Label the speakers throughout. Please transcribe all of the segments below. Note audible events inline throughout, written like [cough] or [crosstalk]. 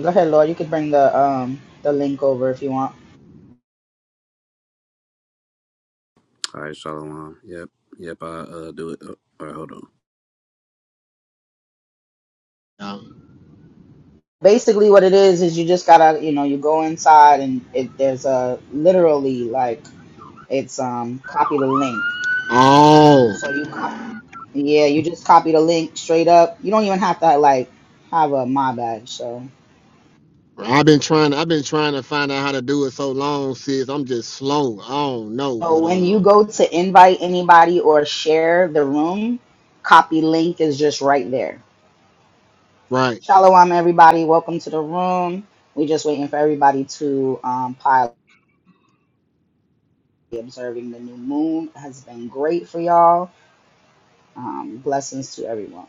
Speaker 1: Go ahead, Laura. You could bring the um the link over if you want.
Speaker 2: All right, Shalom. Yep, yep, I uh do it. Oh, all right, hold on.
Speaker 3: Um,
Speaker 1: Basically, what it is is you just gotta you know you go inside and it there's a literally like it's um copy the link.
Speaker 3: oh,
Speaker 1: So you cop yeah you just copy the link straight up. You don't even have to like have a my badge. So
Speaker 3: I've been trying. I've been trying to find out how to do it so long, sis. I'm just slow. I don't know,
Speaker 1: so
Speaker 3: but
Speaker 1: when you
Speaker 3: uh,
Speaker 1: go to invite anybody or share the room, copy link is just right there.
Speaker 3: right.
Speaker 1: Shalom, everybody. Welcome to the room. We're just waiting for everybody to um, pile observing the new moon has been great for y'all. Um, blessings to everyone.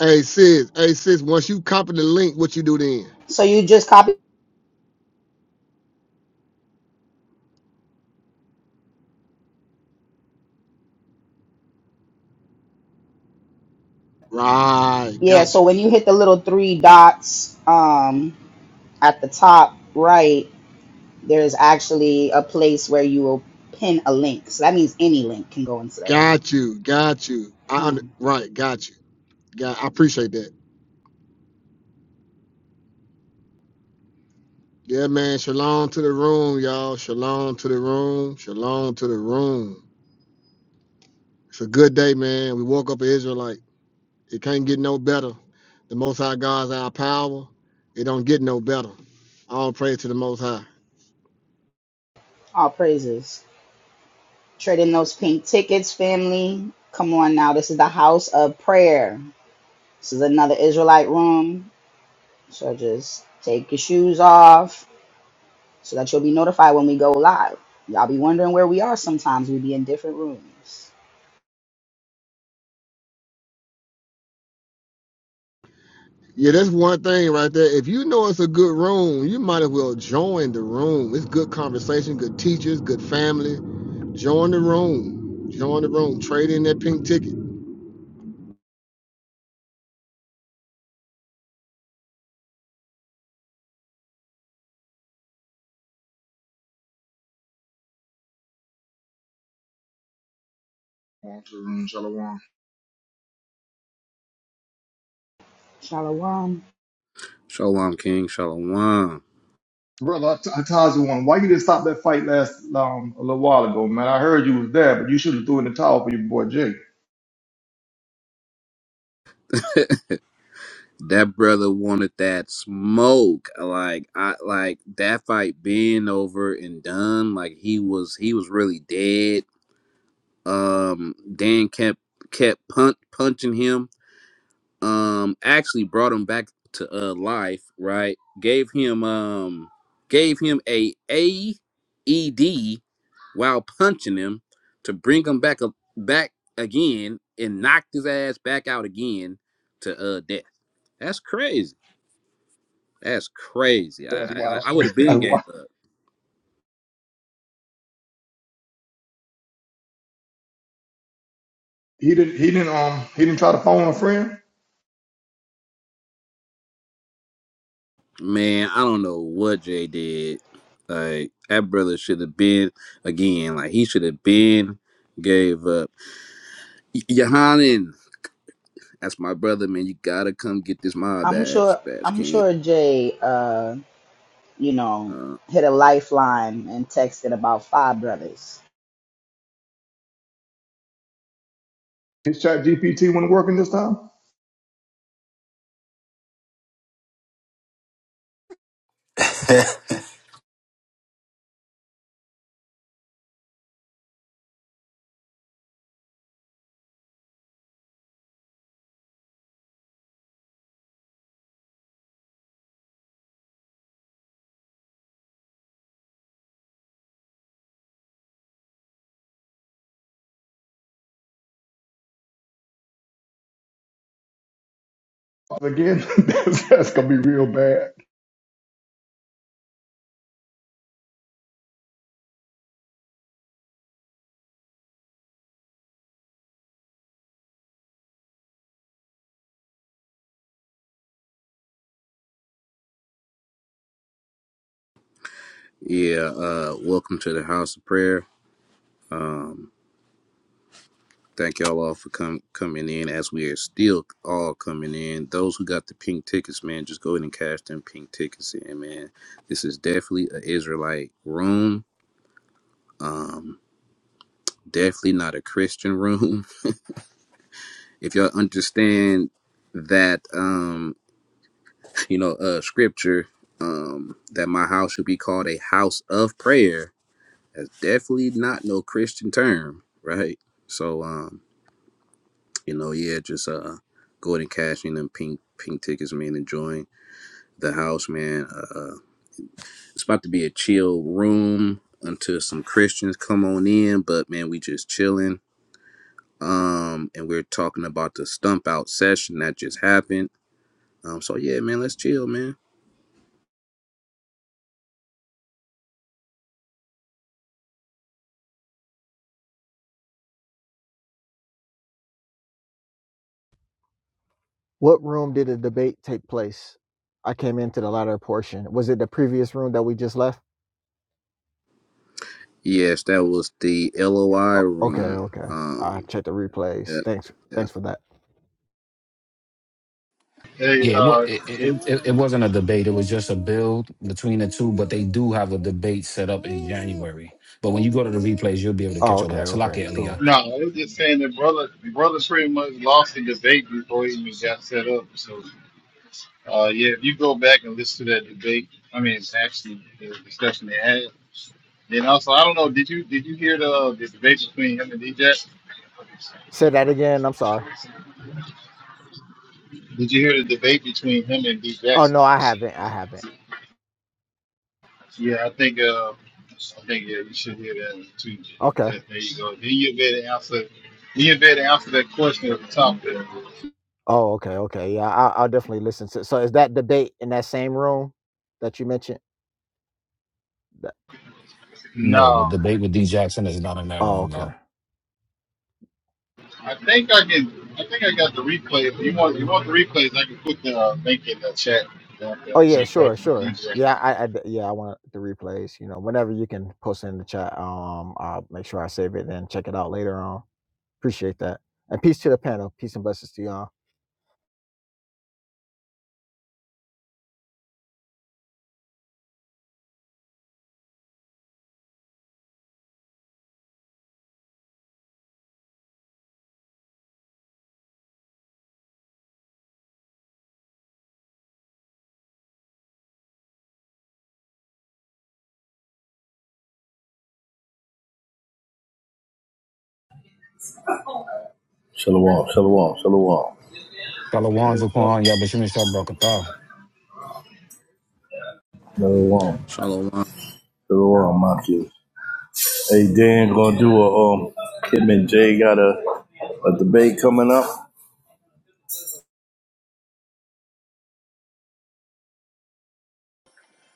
Speaker 3: Hey, sis. Hey, sis. Once you copy the link, what you do then?
Speaker 1: So you just copy,
Speaker 3: Right.
Speaker 1: yeah.
Speaker 3: Got
Speaker 1: So
Speaker 3: you.
Speaker 1: when you hit the little three dots um, at the top right, there's actually a place where you will pin a link. So that means any link can go into there.
Speaker 3: Got you. Got you. I under,
Speaker 1: Come,
Speaker 3: right. Got you. Got. I appreciate that. Yeah, man. Shalom to the room, y'all. Shalom to the room. Shalom to the room. It's a good day, man. We woke up an Israelite. It can't get no better. The Most High God's our power. It don't get no better. All praise to the Most High.
Speaker 1: all praises. Trade in those pink tickets, family. Come on now. This is the house of prayer. This is another Israelite room. So just take your shoes off so that you'll be notified when we go live. Y'all be wondering where we are sometimes. We be in different rooms.
Speaker 3: Yeah, that's one thing right there. If you know it's a good room, you might as well join the room. It's good conversation, good teachers, good family. Join the room. Join the room. Trade in that pink ticket.
Speaker 4: Shalom, shalom, shalom.
Speaker 1: Shalom.
Speaker 2: Shalom, King. Shalom.
Speaker 4: Brother Atazuan, why you didn't stop that fight last um, a little while ago, man? I heard you was there, but you should have threw in the towel for your boy Jake.
Speaker 2: That brother wanted that smoke. Like I like that fight being over and done. Like he was he was really dead. Um, Dan kept kept punt punching him. um actually brought him back to uh life right gave him um gave him a aed while punching him to bring him back up back again and knocked his ass back out again to uh death that's crazy that's crazy i
Speaker 4: That's
Speaker 2: i,
Speaker 4: wild.
Speaker 2: I would have
Speaker 4: [laughs]
Speaker 2: been
Speaker 4: That's
Speaker 2: gave
Speaker 4: wild.
Speaker 2: up
Speaker 4: He didn't. He didn't. Um. He didn't try to phone a friend.
Speaker 2: man i don't know what jay did like that brother should have been again like he should have been gave up Y- Yohanan That's my brother, man. You gotta come get this mob
Speaker 1: I'm
Speaker 2: badge,
Speaker 1: sure
Speaker 2: badge
Speaker 1: I'm
Speaker 2: king.
Speaker 1: sure Jay uh, you know,
Speaker 2: Uh,
Speaker 1: hit a lifeline and texted about five brothers.
Speaker 4: His chat GPT wasn't working this time. Again, [laughs] That's, that's gonna be real bad.
Speaker 2: yeah. Uh, welcome to the house of prayer. Um, thank y'all all for com- coming in. As we are still all coming in, those who got the pink tickets, man, just go ahead and cash them pink tickets in, man. This is definitely an Israelite room. Um, definitely not a Christian room. [laughs] If y'all understand that, um, you know, uh, scripture, um, that my house should be called a house of prayer That's definitely not no Christian term, right? So, um, you know, yeah, just uh, go ahead and cash in them pink pink tickets, man. Enjoying the house, man. Uh, uh, it's about to be a chill room until some Christians come on in, but man, we just chilling. Um, and we're talking about the stump out session that just happened. Um, so yeah, man, let's chill, man.
Speaker 5: What room did the debate take place? I came into the latter portion. Was it the previous room that we just left?
Speaker 2: Yes, that was the LOI
Speaker 5: Oh, okay,
Speaker 2: room.
Speaker 5: okay. I
Speaker 2: Um,
Speaker 5: checked the
Speaker 2: yeah,
Speaker 5: replays. Thanks,
Speaker 2: yeah.
Speaker 5: thanks for that.
Speaker 6: Hey,
Speaker 7: Yeah, it, wa-
Speaker 6: uh,
Speaker 7: it, it, it it wasn't a debate. It was just a build between the two, but they do have a debate set up in January. But when you go to the replays, you'll be able to
Speaker 5: Oh,
Speaker 7: catch all
Speaker 5: okay,
Speaker 7: of that.
Speaker 5: okay,
Speaker 7: Salakia
Speaker 5: cool.
Speaker 7: Elia.
Speaker 6: no, I was just saying that brother, brother pretty much lost the debate before he even got set up. So, uh, yeah, if you go back and listen to that debate, I mean, it's actually the discussion they had. Then also, I don't know, did you did you hear the, uh, the debate between him and D Jackson?
Speaker 5: Say that again. I'm sorry.
Speaker 6: Did you hear the debate between him and D
Speaker 5: Oh
Speaker 6: Jackson?
Speaker 5: no, I haven't. I haven't.
Speaker 6: Yeah, I think uh, I think yeah, you should hear that too.
Speaker 5: Okay.
Speaker 6: That, there you go. Then you'll be able to answer. Then you'll be able to answer that question at the top there.
Speaker 5: Oh, okay, okay. Yeah, I, I'll definitely listen to. So is that debate in that same room that you mentioned? That,
Speaker 7: No, the
Speaker 6: No,
Speaker 7: debate with D Jackson is not in that
Speaker 5: oh,
Speaker 7: room,
Speaker 5: okay.
Speaker 7: though.
Speaker 6: I think I can. I think I got the replay. If you want, you want the replays, I can put the uh, link in the chat. The, the
Speaker 5: Oh yeah,
Speaker 6: replay
Speaker 5: sure,
Speaker 6: for
Speaker 5: sure.
Speaker 6: DJ.
Speaker 5: Yeah, I I yeah, I want the replays. You know, whenever you can post it in the chat, um, I'll make sure I save it and check it out later on. Appreciate that. And peace to the panel. Peace and blessings to y'all.
Speaker 8: Shalom, shalom, shalom,
Speaker 7: Shalawan
Speaker 6: Yeah, so-
Speaker 7: Zakwan, Yabashim Shabrakata.
Speaker 8: shalom,
Speaker 2: Shalom,
Speaker 8: shalom, Matthew. Hey, Dan, gonna do a um. Him and Jay got a, a debate coming up.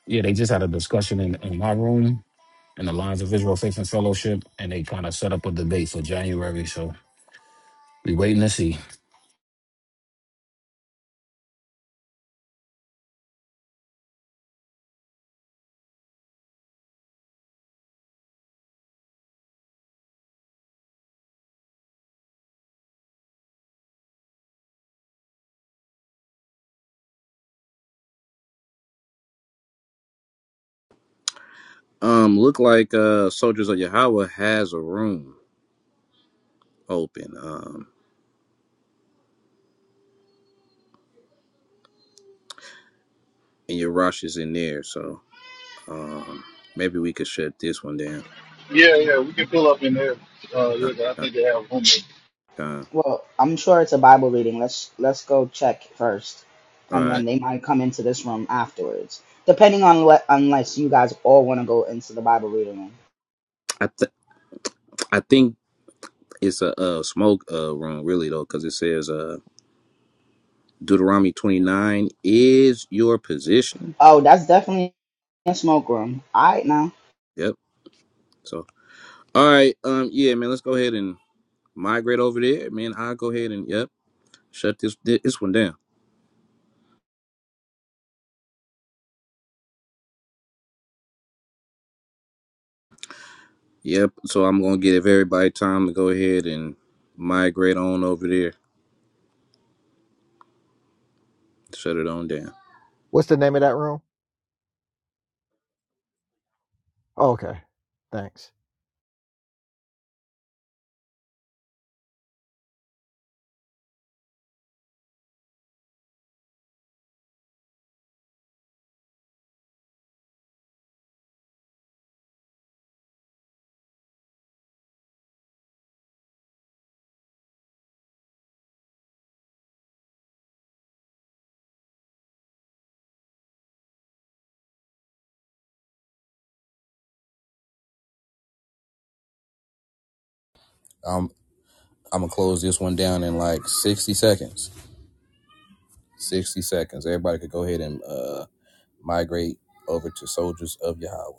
Speaker 7: Yeah, they just had a discussion in, in my room in the Lines of Israel Faith and Fellowship, and they kind of set up a debate for January. So we waiting to see.
Speaker 2: Um, look like uh Soldiers of Yahweh has a room open. Um, and your rush is in there, so um maybe we could shut this one down.
Speaker 6: yeah, yeah, we can pull up in there. Uh,
Speaker 2: Uh,
Speaker 6: yeah, I
Speaker 2: uh,
Speaker 6: think they have one.
Speaker 2: uh,
Speaker 1: Well, I'm sure it's a Bible reading. Let's let's go check first.
Speaker 2: All
Speaker 1: And
Speaker 2: right.
Speaker 1: then they might come into this room afterwards. Depending on what unless you guys all want to go into the Bible reading room.
Speaker 2: I th- I think it's a, uh smoke uh room really though, because it says uh Deuteronomy twenty nine is your position.
Speaker 1: Oh, that's definitely a smoke room. All right now.
Speaker 2: Yep. So all right, um yeah, man, let's go ahead and migrate over there, man. I'll go ahead and yep, shut this this one down. Yep. So I'm gonna give everybody time to go ahead and migrate on over there. Shut it on down.
Speaker 5: What's the name of that room? Oh, okay. Thanks.
Speaker 2: I'm I'm gonna close this one down in like 60 seconds. 60 seconds. Everybody could go ahead and uh, migrate over to Soldiers of Yahweh.